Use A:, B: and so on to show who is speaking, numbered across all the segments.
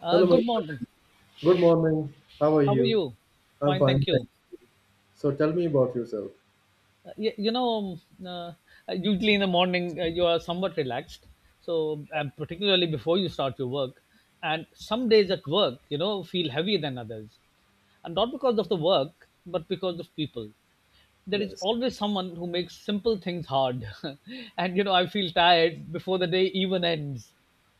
A: Hello, my
B: Good morning.
A: friend. Good morning. How are
B: How are
A: you?
B: you?
A: I'm
B: Fine,
A: fine,
B: thank
A: thank
B: you.
A: you. So tell me about yourself.
B: Uh, y- you know, um, uh, Usually in the morning you are somewhat relaxed. So, and particularly before you start your work, and some days at work, feel heavier than others, and not because of the work, but because of people. There is
A: Yes,
B: always someone who makes simple things hard, and I feel tired before the day even ends.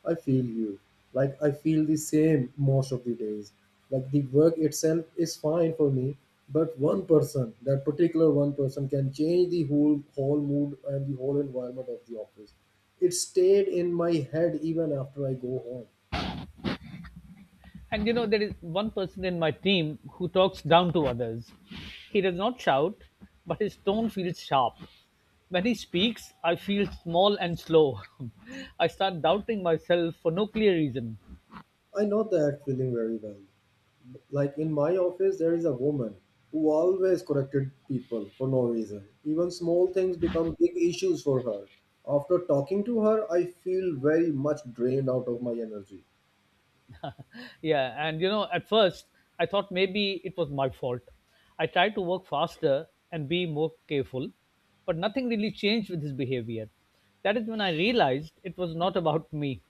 A: I feel you. Like I feel the same most of the days. Like the work itself is fine for me, but one person, that particular one person, can change the whole mood and the whole environment of the office. It stayed in my head even after I go home.
B: And there is one person in my team who talks down to others. He does not shout, but his tone feels sharp. When he speaks, I feel small and slow. I start doubting myself for no clear reason.
A: I know that feeling very well. Like in my office, there is a woman who always corrected people for no reason. Even small things become big issues for her. After talking to her, I feel very much drained out of my energy.
B: Yeah, and at first, I thought maybe it was my fault. I tried to work faster and be more careful, but nothing really changed with his behavior. That is when I realized it was not about me.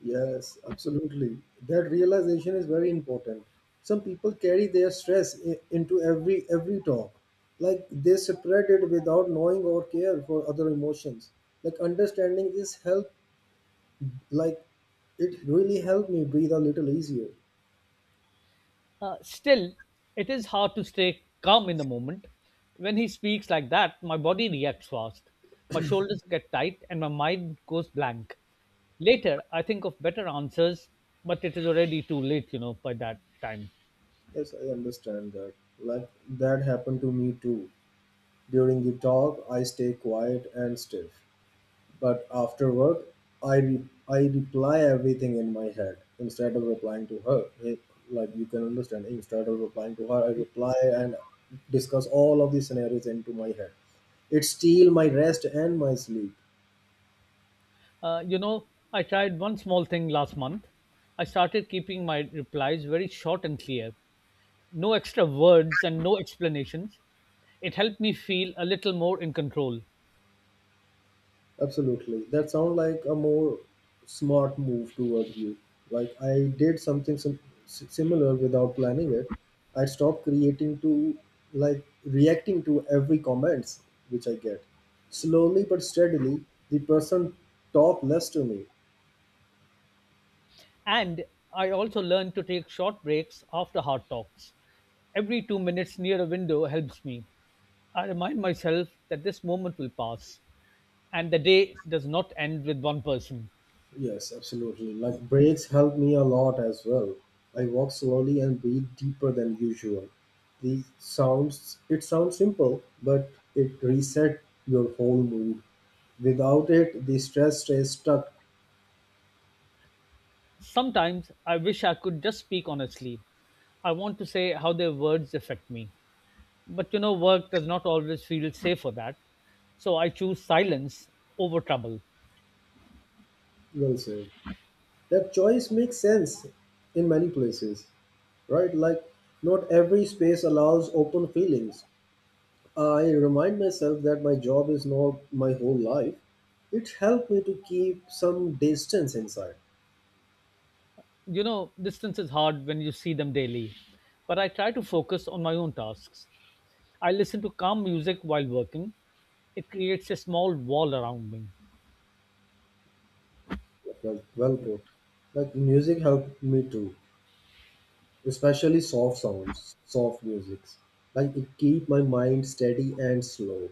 A: Yes, absolutely. That realization is very important. Some people carry their stress into every talk. Like they separate it without knowing or care for other emotions. Like understanding this help like it really helped me breathe a little easier.
B: Still, it is hard to stay calm in the moment. When he speaks like that, my body reacts fast. My shoulders get tight and my mind goes blank. Later, I think of better answers, but it is already too late, by that time.
A: Yes, I understand that. Like that happened to me too. During the talk, I stay quiet and stiff, but afterward, I reply everything in my head instead of replying to her. It- like you can understand, instead of replying to her, I reply and discuss all of the scenarios into my head. It steal my rest and my sleep.
B: I tried one small thing last month. I started keeping my replies very short and clear. No extra words and no explanations. It helped me feel a little more in control.
A: Absolutely. That sounds like a more smart move toward you. Like I did something similar without planning it. I stopped creating to like reacting to every comments which I get. Slowly but steadily, the person talk less to me.
B: And I also learned to take short breaks after hard talks. Every 2 minutes near a window helps me. I remind myself that this moment will pass and the day does not end with one person.
A: Yes, absolutely. Like breaks help me a lot as well. I walk slowly and breathe deeper than usual. These sounds it sounds simple, but it reset your whole mood. Without it, the stress stays stuck.
B: Sometimes I wish I could just speak honestly. I want to say how their words affect me. But work does not always feel safe for that. So I choose silence over trouble.
A: Well said. That choice makes sense in many places, right? Like, not every space allows open feelings. I remind myself that my job is not my whole life. It helped me to keep some distance inside.
B: Distance is hard when you see them daily, but I try to focus on my own tasks. I listen to calm music while working. It creates a small wall around me.
A: Well, well put. Like, music helped me too, especially soft sounds, soft musics. Like it keep my mind steady and slow.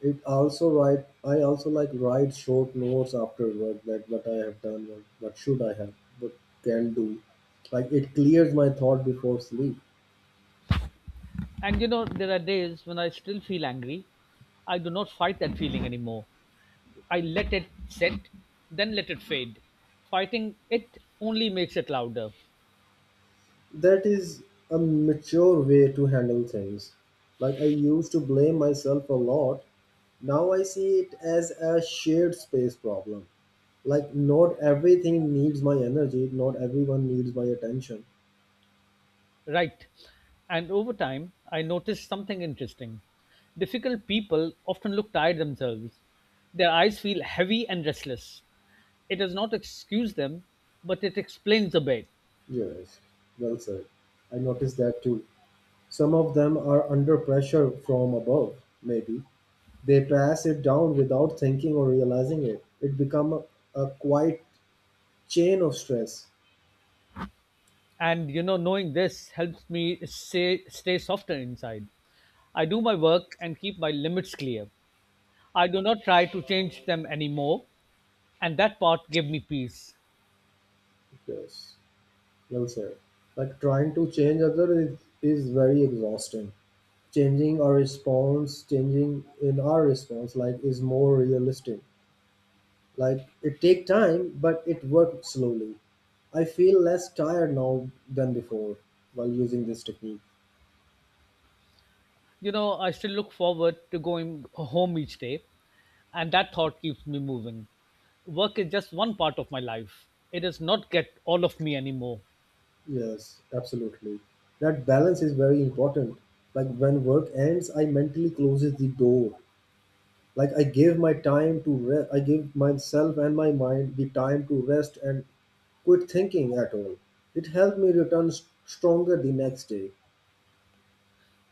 A: It also write I also like write short notes after work that what I have done, what should I have, what can do. Like it clears my thought before sleep.
B: And there are days when I still feel angry. I do not fight that feeling anymore. I let it set, then let it fade. Fighting it only makes it louder.
A: That is a mature way to handle things. Like I used to blame myself a lot. Now I see it as a shared space problem, like not everything needs my energy, not everyone needs my attention.
B: Right. And over time, I noticed something interesting. Difficult people often look tired themselves. Their eyes feel heavy and restless. It does not excuse them, but it explains a bit.
A: Yes, well said. I noticed that too. Some of them are under pressure from above, maybe. They pass it down without thinking or realizing it. It become a quiet chain of stress.
B: And knowing this helps me stay softer inside. I do my work and keep my limits clear. I do not try to change them anymore, and that part gave me peace.
A: Yes, well said. Like trying to change other is very exhausting. Changing our response, changing in our response, like is more realistic. Like it take time, but it works slowly. I feel less tired now than before while using this technique.
B: I still look forward to going home each day, and that thought keeps me moving. Work is just one part of my life. It does not get all of me anymore.
A: Yes, absolutely. That balance is very important. Like when work ends, I mentally closes the door. Like I give my time to I give myself and my mind the time to rest and quit thinking at all. It helped me return stronger the next day.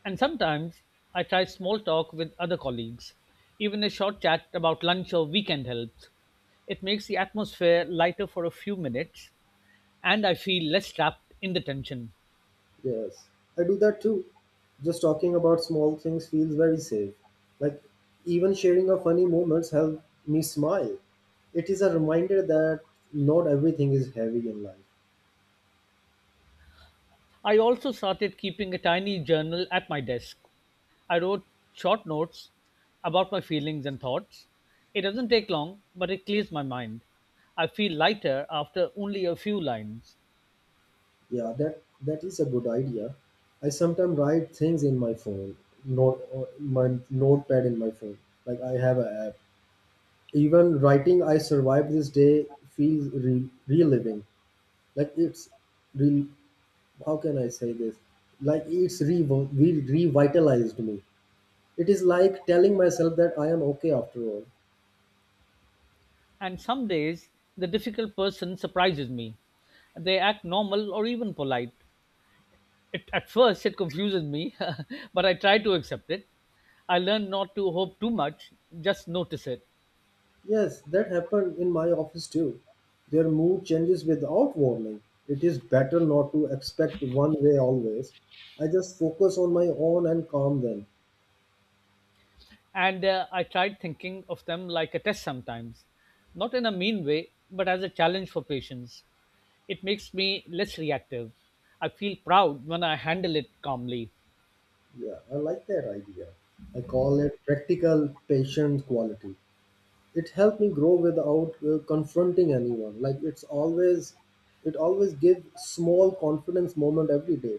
B: And sometimes I try small talk with other colleagues. Even a short chat about lunch or weekend helps. It makes the atmosphere lighter for a few minutes and I feel less trapped in the tension.
A: Yes, I do that too. Just talking about small things feels very safe. Like even sharing a funny moments help me smile. It is a reminder that not everything is heavy in life.
B: I also started keeping a tiny journal at my desk. I wrote short notes about my feelings and thoughts. It doesn't take long, but it clears my mind. I feel lighter after only a few lines.
A: Yeah, that is a good idea. I sometimes write things in my phone, not my notepad in my phone. Like I have an app. Even writing "I survived this day" feels reliving. Like re- how can I say this? Like it's revitalized me. It is like telling myself that I am okay after all.
B: And some days the difficult person surprises me. They act normal or even polite. It, at first, it confuses me, but I try to accept it. I learn not to hope too much, just notice it.
A: Yes, that happened in my office too. Their mood changes without warning. It is better not to expect one way always. I just focus on my own and calm them.
B: And I tried thinking of them like a test sometimes, not in a mean way, but as a challenge for patience. It makes me less reactive. I feel proud when I handle it calmly.
A: Yeah, I like that idea. I call it practical patient quality. It helped me grow without confronting anyone, like it's always it always give small confidence moment every day.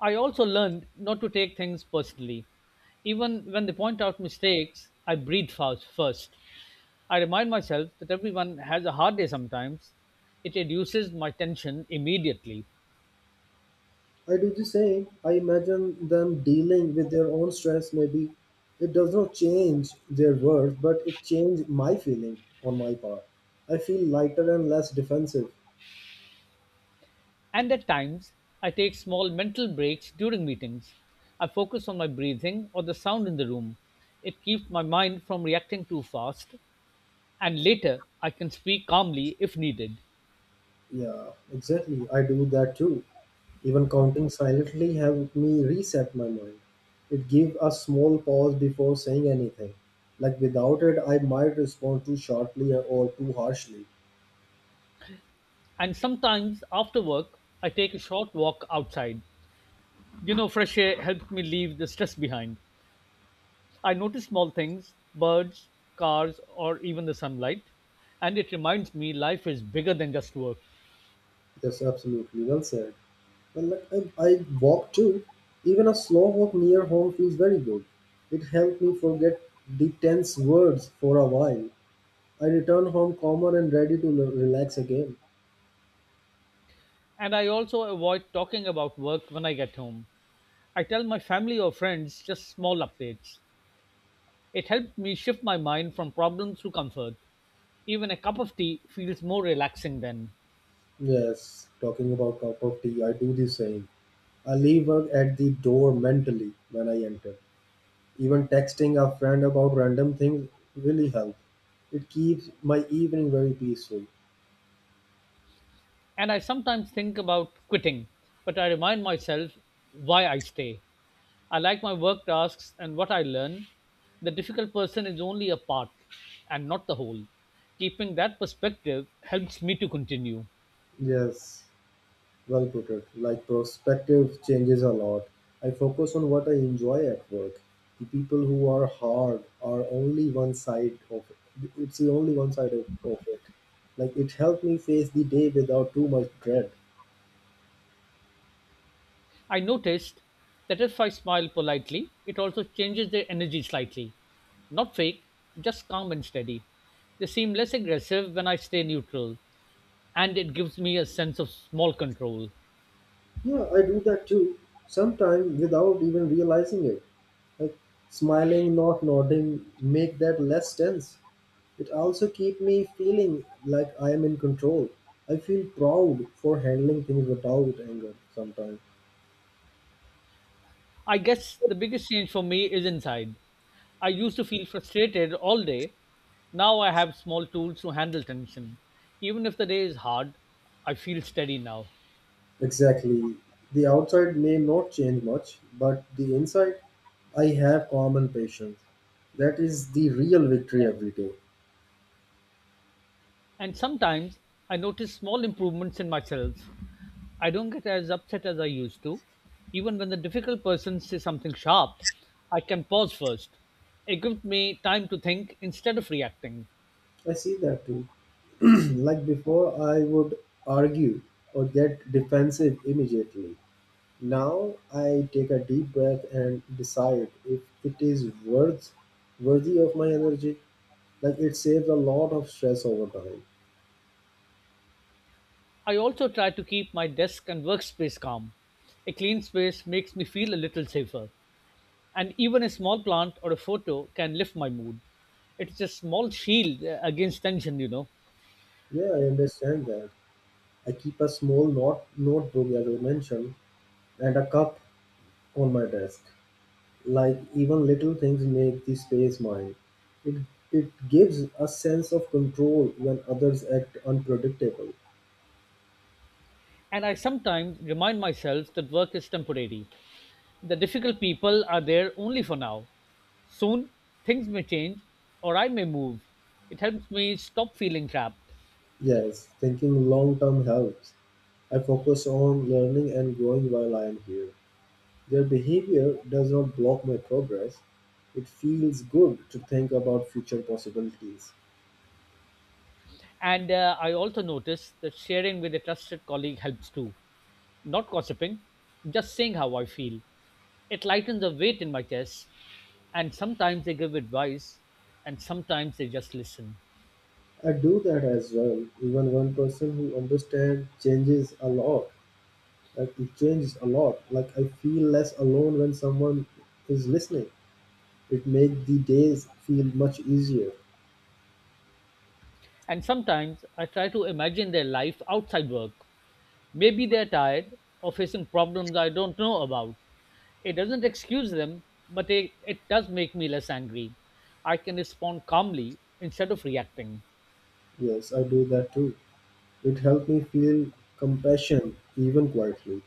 B: I also learned not to take things personally. Even when they point out mistakes, I breathe fast first. I remind myself that everyone has a hard day sometimes. It reduces my tension immediately.
A: I do the same. I imagine them dealing with their own stress maybe. It does not change their worth, but it changed my feeling on my part. I feel lighter and less defensive.
B: And at times, I take small mental breaks during meetings. I focus on my breathing or the sound in the room. It keeps my mind from reacting too fast. And later, I can speak calmly if needed.
A: Yeah, exactly, I do that too. Even counting silently helped me reset my mind. It gave a small pause before saying anything. Like without it, I might respond too sharply or too harshly.
B: And sometimes after work, I take a short walk outside. You know, fresh air helped me leave the stress behind. I notice small things, birds, cars, or even the sunlight, and it reminds me life is bigger than just work.
A: That's absolutely well said. Well, like I walk too. Even a slow walk near home feels very good. It helped me forget the tense words for a while. I return home calmer and ready to relax again.
B: And I also avoid talking about work when I get home. I tell my family or friends just small updates. It helped me shift my mind from problems to comfort. Even a cup of tea feels more relaxing then.
A: Yes, talking about cup of tea, I do the same. I leave work at the door mentally when I enter. Even texting a friend about random things really helps. It keeps my evening very peaceful.
B: And I sometimes think about quitting, but I remind myself why I stay. I like my work tasks and what I learn. The difficult person is only a part and not the whole. Keeping that perspective helps me to continue.
A: Yes, well put it. Like perspective changes a lot. I focus on what I enjoy at work. The people who are hard are only one side of it. It's the only one side of it. Like it helped me face the day without too much dread.
B: I noticed that if I smile politely, it also changes their energy slightly. Not fake, just calm and steady. They seem less aggressive when I stay neutral, and it gives me a sense of small control.
A: Yeah, I do that too. Sometimes without even realizing it. Like smiling, not nodding, make that less tense. It also keep me feeling like I am in control. I feel proud for handling things without anger sometimes.
B: I guess the biggest change for me is inside. I used to feel frustrated all day. Now I have small tools to handle tension. Even if the day is hard, I feel steady now.
A: Exactly. The outside may not change much, but the inside, I have calm and patience. That is the real victory every day.
B: And sometimes I notice small improvements in myself. I don't get as upset as I used to. Even when the difficult person says something sharp, I can pause first. It gives me time to think instead of reacting.
A: I see that too. Like before, I would argue or get defensive immediately. Now I take a deep breath and decide if it is worthy of my energy. Like it saves a lot of stress over time.
B: I also try to keep my desk and workspace calm. A clean space makes me feel a little safer, and even a small plant or a photo can lift my mood. It's a small shield against tension.
A: Yeah, I understand that. I keep a small notebook, as I mentioned, and a cup on my desk. Like even little things make the space mine. It it gives a sense of control when others act unpredictable.
B: And I sometimes remind myself that work is temporary. The difficult people are there only for now. Soon, things may change or I may move. It helps me stop feeling trapped.
A: Yes, thinking long term helps. I focus on learning and growing while I am here. Their behavior does not block my progress. It feels good to think about future possibilities.
B: And I also notice that sharing with a trusted colleague helps too. Not gossiping, just saying how I feel. It lightens the weight in my chest, and sometimes they give advice, and sometimes they just listen.
A: I do that as well. Even one person who understands changes a lot. Like it changes a lot. Like I feel less alone when someone is listening. It makes the days feel much easier.
B: And sometimes I try to imagine their life outside work. Maybe they're tired or facing problems I don't know about. It doesn't excuse them, but it does make me less angry. I can respond calmly instead of reacting.
A: Yes, I do that too. It helps me feel compassion even quietly.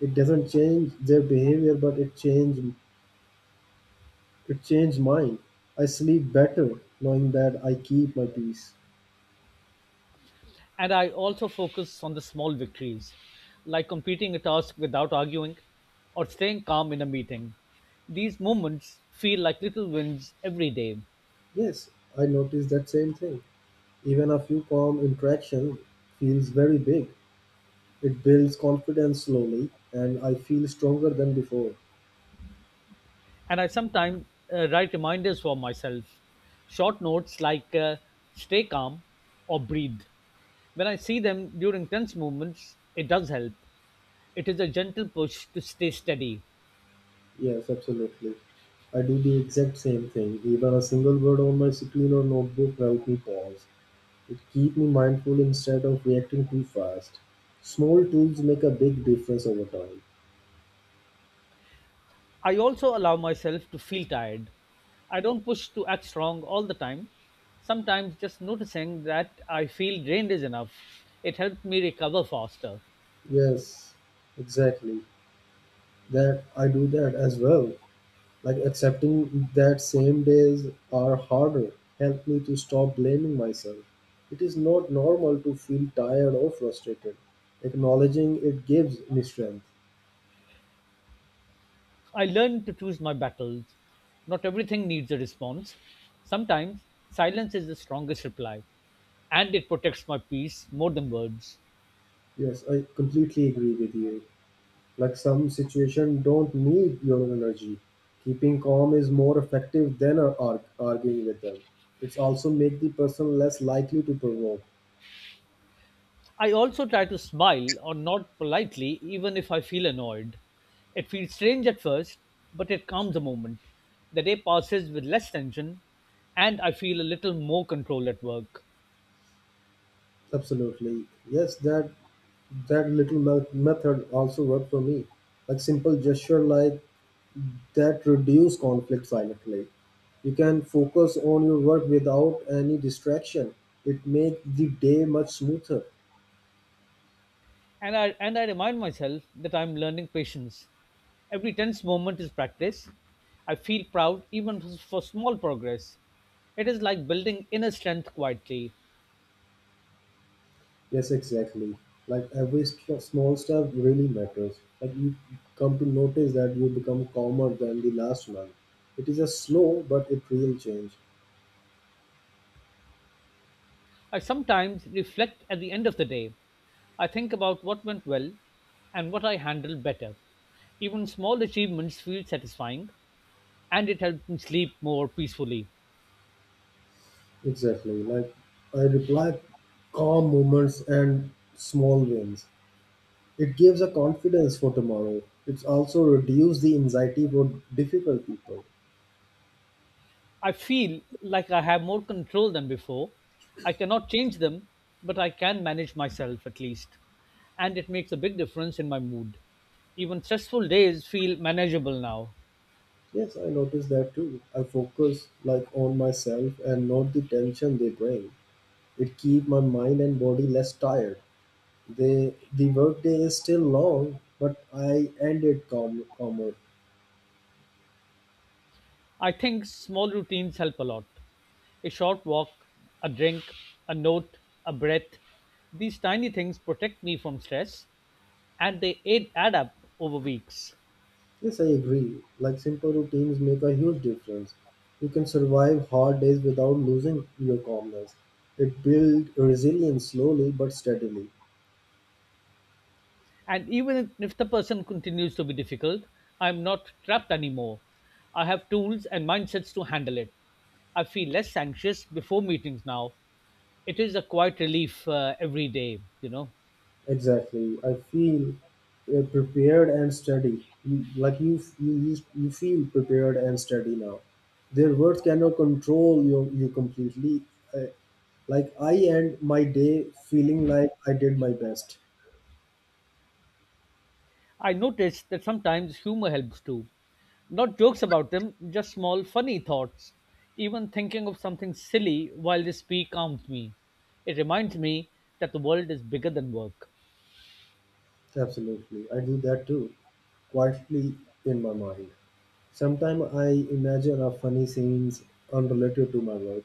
A: It doesn't change their behavior, but it change it changed mine. I sleep better knowing that I keep my peace.
B: And I also focus on the small victories, like completing a task without arguing or staying calm in a meeting. These moments feel like little wins every day.
A: Yes, I noticed that same thing. Even a few calm interactions feels very big. It builds confidence slowly, and I feel stronger than before.
B: And I sometimes write reminders for myself, short notes like stay calm or breathe. When I see them during tense moments, it does help. It is a gentle push to stay steady.
A: Yes, absolutely. I do the exact same thing. Even a single word on my screen or notebook help me pause. It keep me mindful instead of reacting too fast. Small tools make a big difference over time.
B: I also allow myself to feel tired. I don't push to act strong all the time. Sometimes just noticing that I feel drained is enough. It helps me recover faster.
A: Yes, exactly. That I do that as well. Like accepting that same days are harder helped me to stop blaming myself. It is not normal to feel tired or frustrated. Acknowledging it gives me strength.
B: I learn to choose my battles. Not everything needs a response. Sometimes silence is the strongest reply, and it protects my peace more than words.
A: Yes, I completely agree with you. Like some situation don't need your energy. Keeping calm is more effective than arguing with them. It's also make the person less likely to provoke.
B: I also try to smile or nod politely even if I feel annoyed. It feels strange at first, but it calms a moment. The day passes with less tension and I feel a little more control at work.
A: Absolutely. Yes, that little method also worked for me. Like simple gesture like that reduce conflict silently. You can focus on your work without any distraction. It makes the day much smoother.
B: And I remind myself that I'm learning patience. Every tense moment is practice. I feel proud even for small progress. It is like building inner strength quietly.
A: Yes, exactly. Like every small step really matters. Like you come to notice that you become calmer than the last one. It is a slow but it real change.
B: I sometimes reflect at the end of the day. I think about what went well and what I handled better. Even small achievements feel satisfying and it helps me sleep more peacefully.
A: Exactly. Like I reply calm moments and small wins. It gives a confidence for tomorrow. It's also reduce the anxiety for difficult people.
B: I feel like I have more control than before. I cannot change them, but I can manage myself at least. And it makes a big difference in my mood. Even stressful days feel manageable now.
A: Yes, I notice that too. I focus like on myself and not the tension they bring. It keep my mind and body less tired. The workday is still long, but I end it calm, calmer.
B: I think small routines help a lot. A short walk, a drink, a note, a breath. These tiny things protect me from stress and they add up over weeks.
A: Yes, I agree. Like simple routines make a huge difference. You can survive hard days without losing your calmness. It builds resilience slowly but steadily.
B: And even if the person continues to be difficult, I am not trapped anymore. I have tools and mindsets to handle it. I feel less anxious before meetings now. It is a quiet relief every day.
A: Exactly. I feel prepared and steady. You, like you, f- you feel prepared and steady now. Their words cannot control you completely. Uh, like I end my day feeling like I did my best.
B: I noticed that sometimes humor helps too. Not jokes about them, just small funny thoughts. Even thinking of something silly while they speak calms me. It reminds me that the world is bigger than work.
A: Absolutely. I do that too, quietly in my mind. Sometimes I imagine a funny scenes unrelated to my work.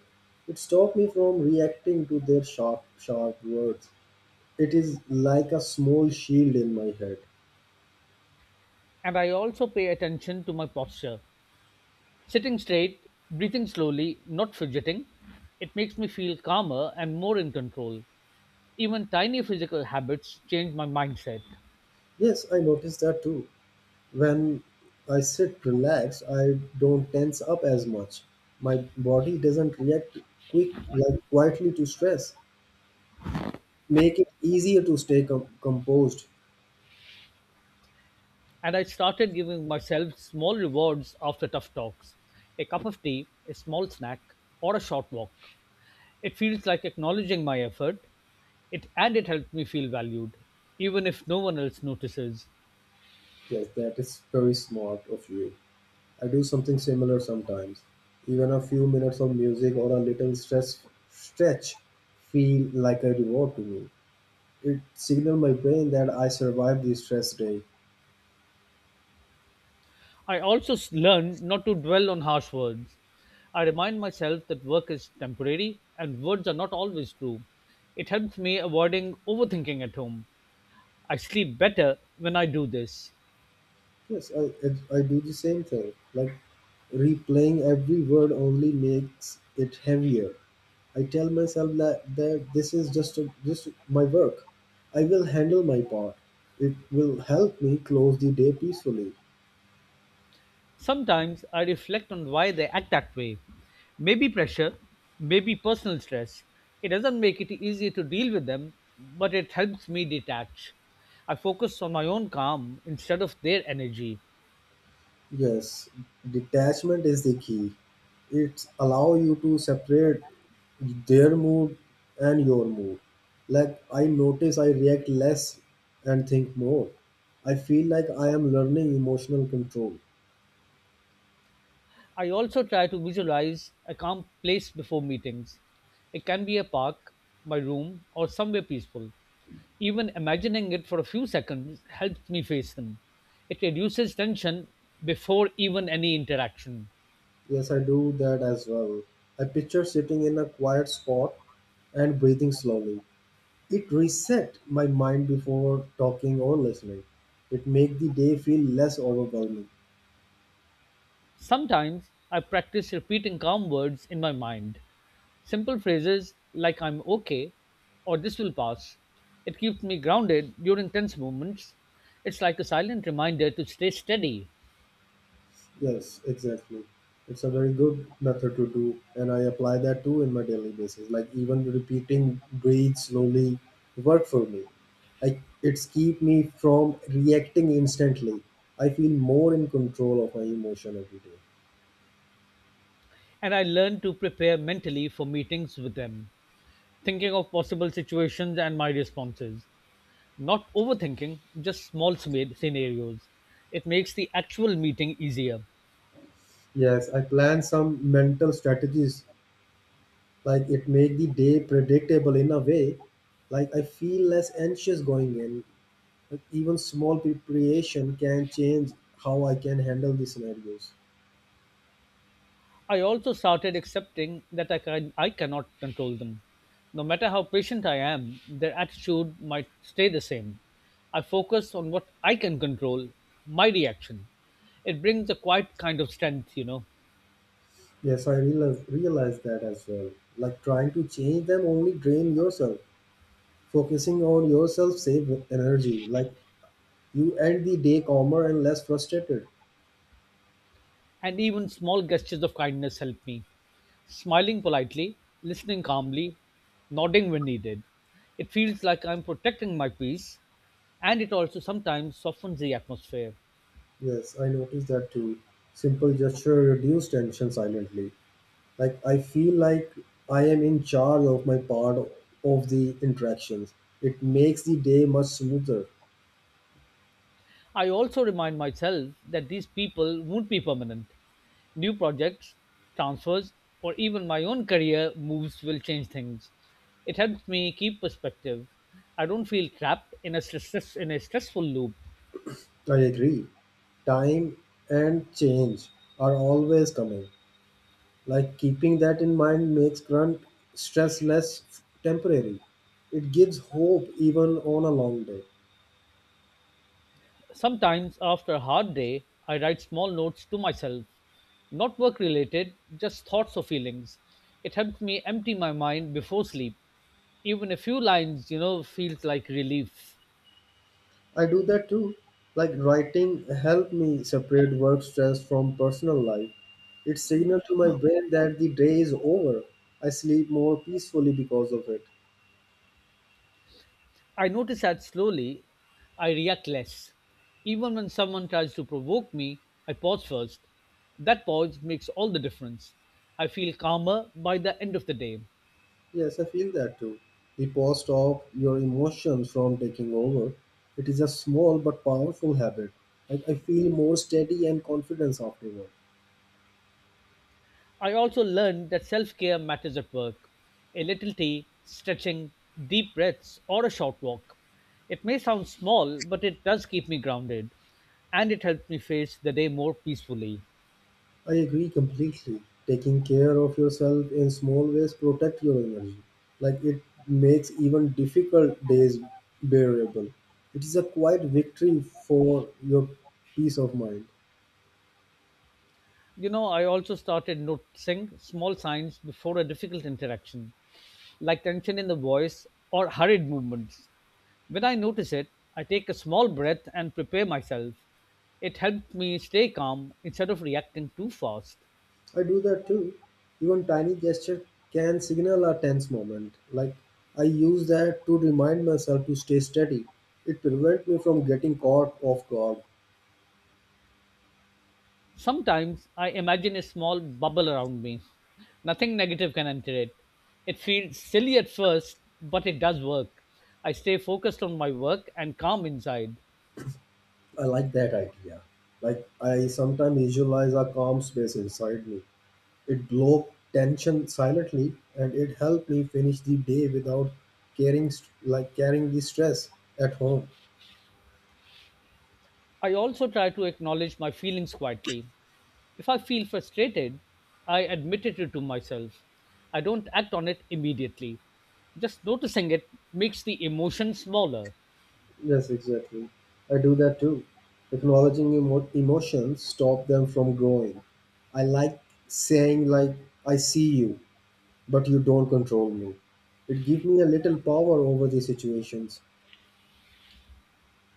A: It stops me from reacting to their sharp words. It is like a small shield in my head.
B: And I also pay attention to my posture. Sitting straight, breathing slowly, not fidgeting, it makes me feel calmer and more in control. Even tiny physical habits change my mindset.
A: Yes, I noticed that too. When I sit relaxed, I don't tense up as much. My body doesn't react quick like quietly to stress. Make it easier to stay composed.
B: And I started giving myself small rewards after tough talks, a cup of tea, a small snack, or a short walk. It feels like acknowledging my effort, and it helped me feel valued, even if no one else notices.
A: Yes, that is very smart of you. I do something similar sometimes. Even a few minutes of music or a little stress stretch feel like a reward to me. It signals my brain that I survived this stress day.
B: I also learned not to dwell on harsh words. I remind myself that work is temporary and words are not always true. It helps me avoiding overthinking at home. I sleep better when I do this.
A: Yes, I do the same thing. Like, replaying every word only makes it heavier. I tell myself that this is just my work. I will handle my part. It will help me close the day peacefully.
B: Sometimes I reflect on why they act that way. Maybe pressure, maybe personal stress. It doesn't make it easier to deal with them, but it helps me detach. I focus on my own calm instead of their energy.
A: Yes, detachment is the key. It allows you to separate their mood and your mood. Like, I notice I react less and think more. I feel like I am learning emotional control.
B: I also try to visualize a calm place before meetings. It can be a park, my room, or somewhere peaceful. Even imagining it for a few seconds helps me face them. It reduces tension before even any interaction.
A: Yes, I do that as well. I picture sitting in a quiet spot and breathing slowly. It reset my mind before talking or listening. It make the day feel less overwhelming.
B: Sometimes I practice repeating calm words in my mind. Simple phrases like I'm okay or this will pass. It keeps me grounded during tense moments. It's like a silent reminder to stay steady.
A: Yes, exactly. It's a very good method to do, and I apply that too in my daily basis. Like, even repeating "breathe slowly" work for me. I It's keep me from reacting instantly. I feel more in control of my emotion every day.
B: And I learn to prepare mentally for meetings with them, thinking of possible situations and my responses. Not overthinking, just small scenarios. It makes the actual meeting easier.
A: Yes, I plan some mental strategies, like it make the day predictable in a way. Like, I feel less anxious going in. Like, even small preparation can change how I can handle the scenarios.
B: I also started accepting that I cannot control them. No matter how patient I am, their attitude might stay the same. I focus on what I can control, my reaction. It brings a quiet kind of strength, you know,
A: Yes, I realize that as well. Like, trying to change them only drain yourself. Focusing on yourself save energy. Like, you end the day calmer and less frustrated.
B: and even small gestures of kindness help me. Smiling politely, listening calmly, nodding when needed. It feels like I'm protecting my peace, and it also sometimes softens the atmosphere.
A: Yes, I noticed that too. Simple gesture reduce tension silently. Like, I feel like I am in charge of my part of the interactions. It makes the day much smoother.
B: I also remind myself that these people won't be permanent. New projects, transfers, or even my own career moves will change things. It helps me keep perspective. I don't feel trapped in a stressful loop.
A: I agree. Time and change are always coming. Like, keeping that in mind makes grunt stress less temporary. It gives hope even on a long day.
B: Sometimes, after a hard day, I write small notes to myself, not work related, just thoughts or feelings. It helps me empty my mind before sleep. Even a few lines, you know, feels like relief.
A: I do that too. Like, writing helped me separate work stress from personal life. It signaled to my brain that the day is over. I sleep more peacefully because of it.
B: I notice that slowly I react less. Even when someone tries to provoke me, I pause first. That pause makes all the difference. I feel calmer by the end of the day.
A: Yes, I feel that too. The pause stop your emotions from taking over. It is a small but powerful habit. Like, I feel more steady and confidence afterwards.
B: I also learned that self care matters at work. A little tea, stretching, deep breaths, or a short walk. It may sound small, but it does keep me grounded and it helps me face the day more peacefully.
A: I agree completely. Taking care of yourself in small ways protect your energy. Like, it makes even difficult days bearable. It is a quiet victory for your peace of mind.
B: You know, I also started noticing small signs before a difficult interaction like tension in the voice or hurried movements. When I notice it, I take a small breath and prepare myself. It helps me stay calm instead of reacting too fast.
A: I do that too. Even tiny gesture can signal a tense moment. Like, I use that to remind myself to stay steady. It prevents me from getting caught off guard.
B: Sometimes I imagine a small bubble around me. Nothing negative can enter it. It feels silly at first, but it does work. I stay focused on my work and calm inside.
A: I like that idea. Like, I sometimes visualize a calm space inside me. It broke tension silently, and it helped me finish the day without like carrying the stress at home.
B: I also try to acknowledge my feelings quietly. If I feel frustrated, I admit it to myself. I don't act on it immediately. Just noticing it makes the emotion smaller.
A: Yes, exactly. I do that too. Acknowledging emotions stop them from growing. I like saying, like, I see you, but you don't control me. It gives me a little power over the situations.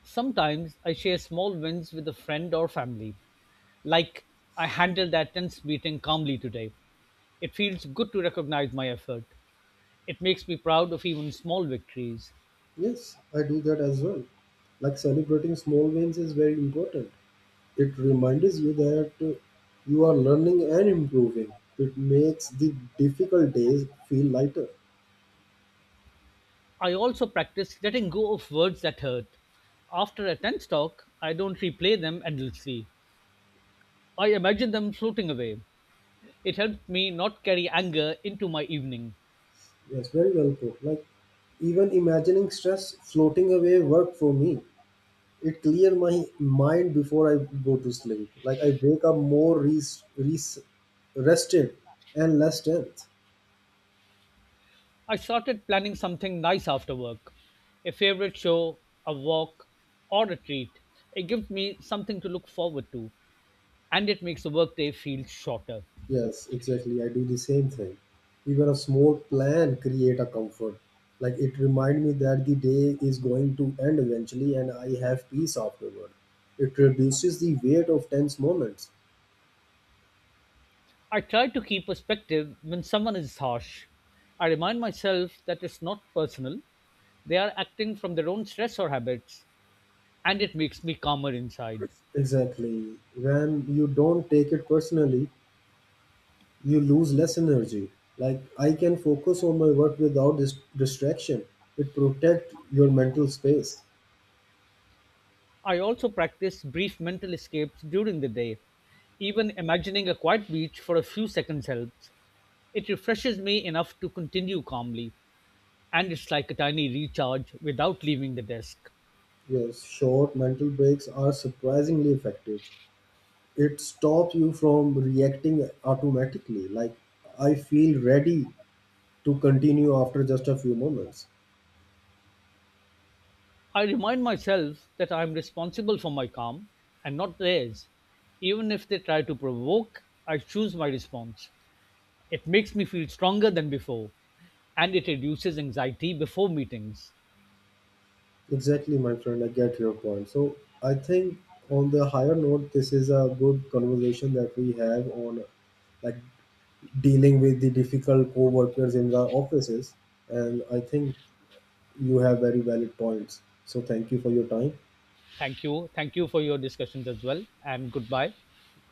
B: Sometimes I share small wins with a friend or family, like I handled that tense meeting calmly today. It feels good to recognize my effort. It makes me proud of even small victories.
A: Yes, I do that as well. Like, celebrating small wins is very important. It reminds you that you are learning and improving. It makes the difficult days feel lighter.
B: I also practice letting go of words that hurt. After a tense talk, I don't replay them endlessly. I imagine them floating away. It helped me not carry anger into my evening.
A: Yes, very well put. Like, even imagining stress floating away worked for me. It cleared my mind before I go to sleep. Like, I wake up more rested and less tense.
B: I started planning something nice after work a favorite show, a walk, or a treat. It gives me something to look forward to, and it makes the workday feel shorter.
A: Yes, exactly. I do the same thing. Even a small plan create a comfort. Like, it remind me that the day is going to end eventually and I have peace afterward. It reduces the weight of tense moments.
B: I try to keep perspective when someone is harsh. I remind myself that it's not personal. They are acting from their own stress or habits, and it makes me calmer inside.
A: Exactly. When you don't take it personally, you lose less energy. Like, I can focus on my work without distraction. It protect your mental space.
B: I also practice brief mental escapes during the day. Even imagining a quiet beach for a few seconds helps. It refreshes me enough to continue calmly, and it's like a tiny recharge without leaving the desk.
A: Yes, short mental breaks are surprisingly effective. It stops you from reacting automatically. Like, I feel ready to continue after just a few moments.
B: I remind myself that I am responsible for my calm and not theirs. Even if they try to provoke, I choose my response. It makes me feel stronger than before and it reduces anxiety before meetings.
A: Exactly, my friend, I get your point. So I think, on the higher note, this is a good conversation that we have on, like, dealing with the difficult co-workers in the offices. And I think you have very valid points, so thank you for your time.
B: Thank you. Thank you for your discussions as well and goodbye.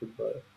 A: Goodbye.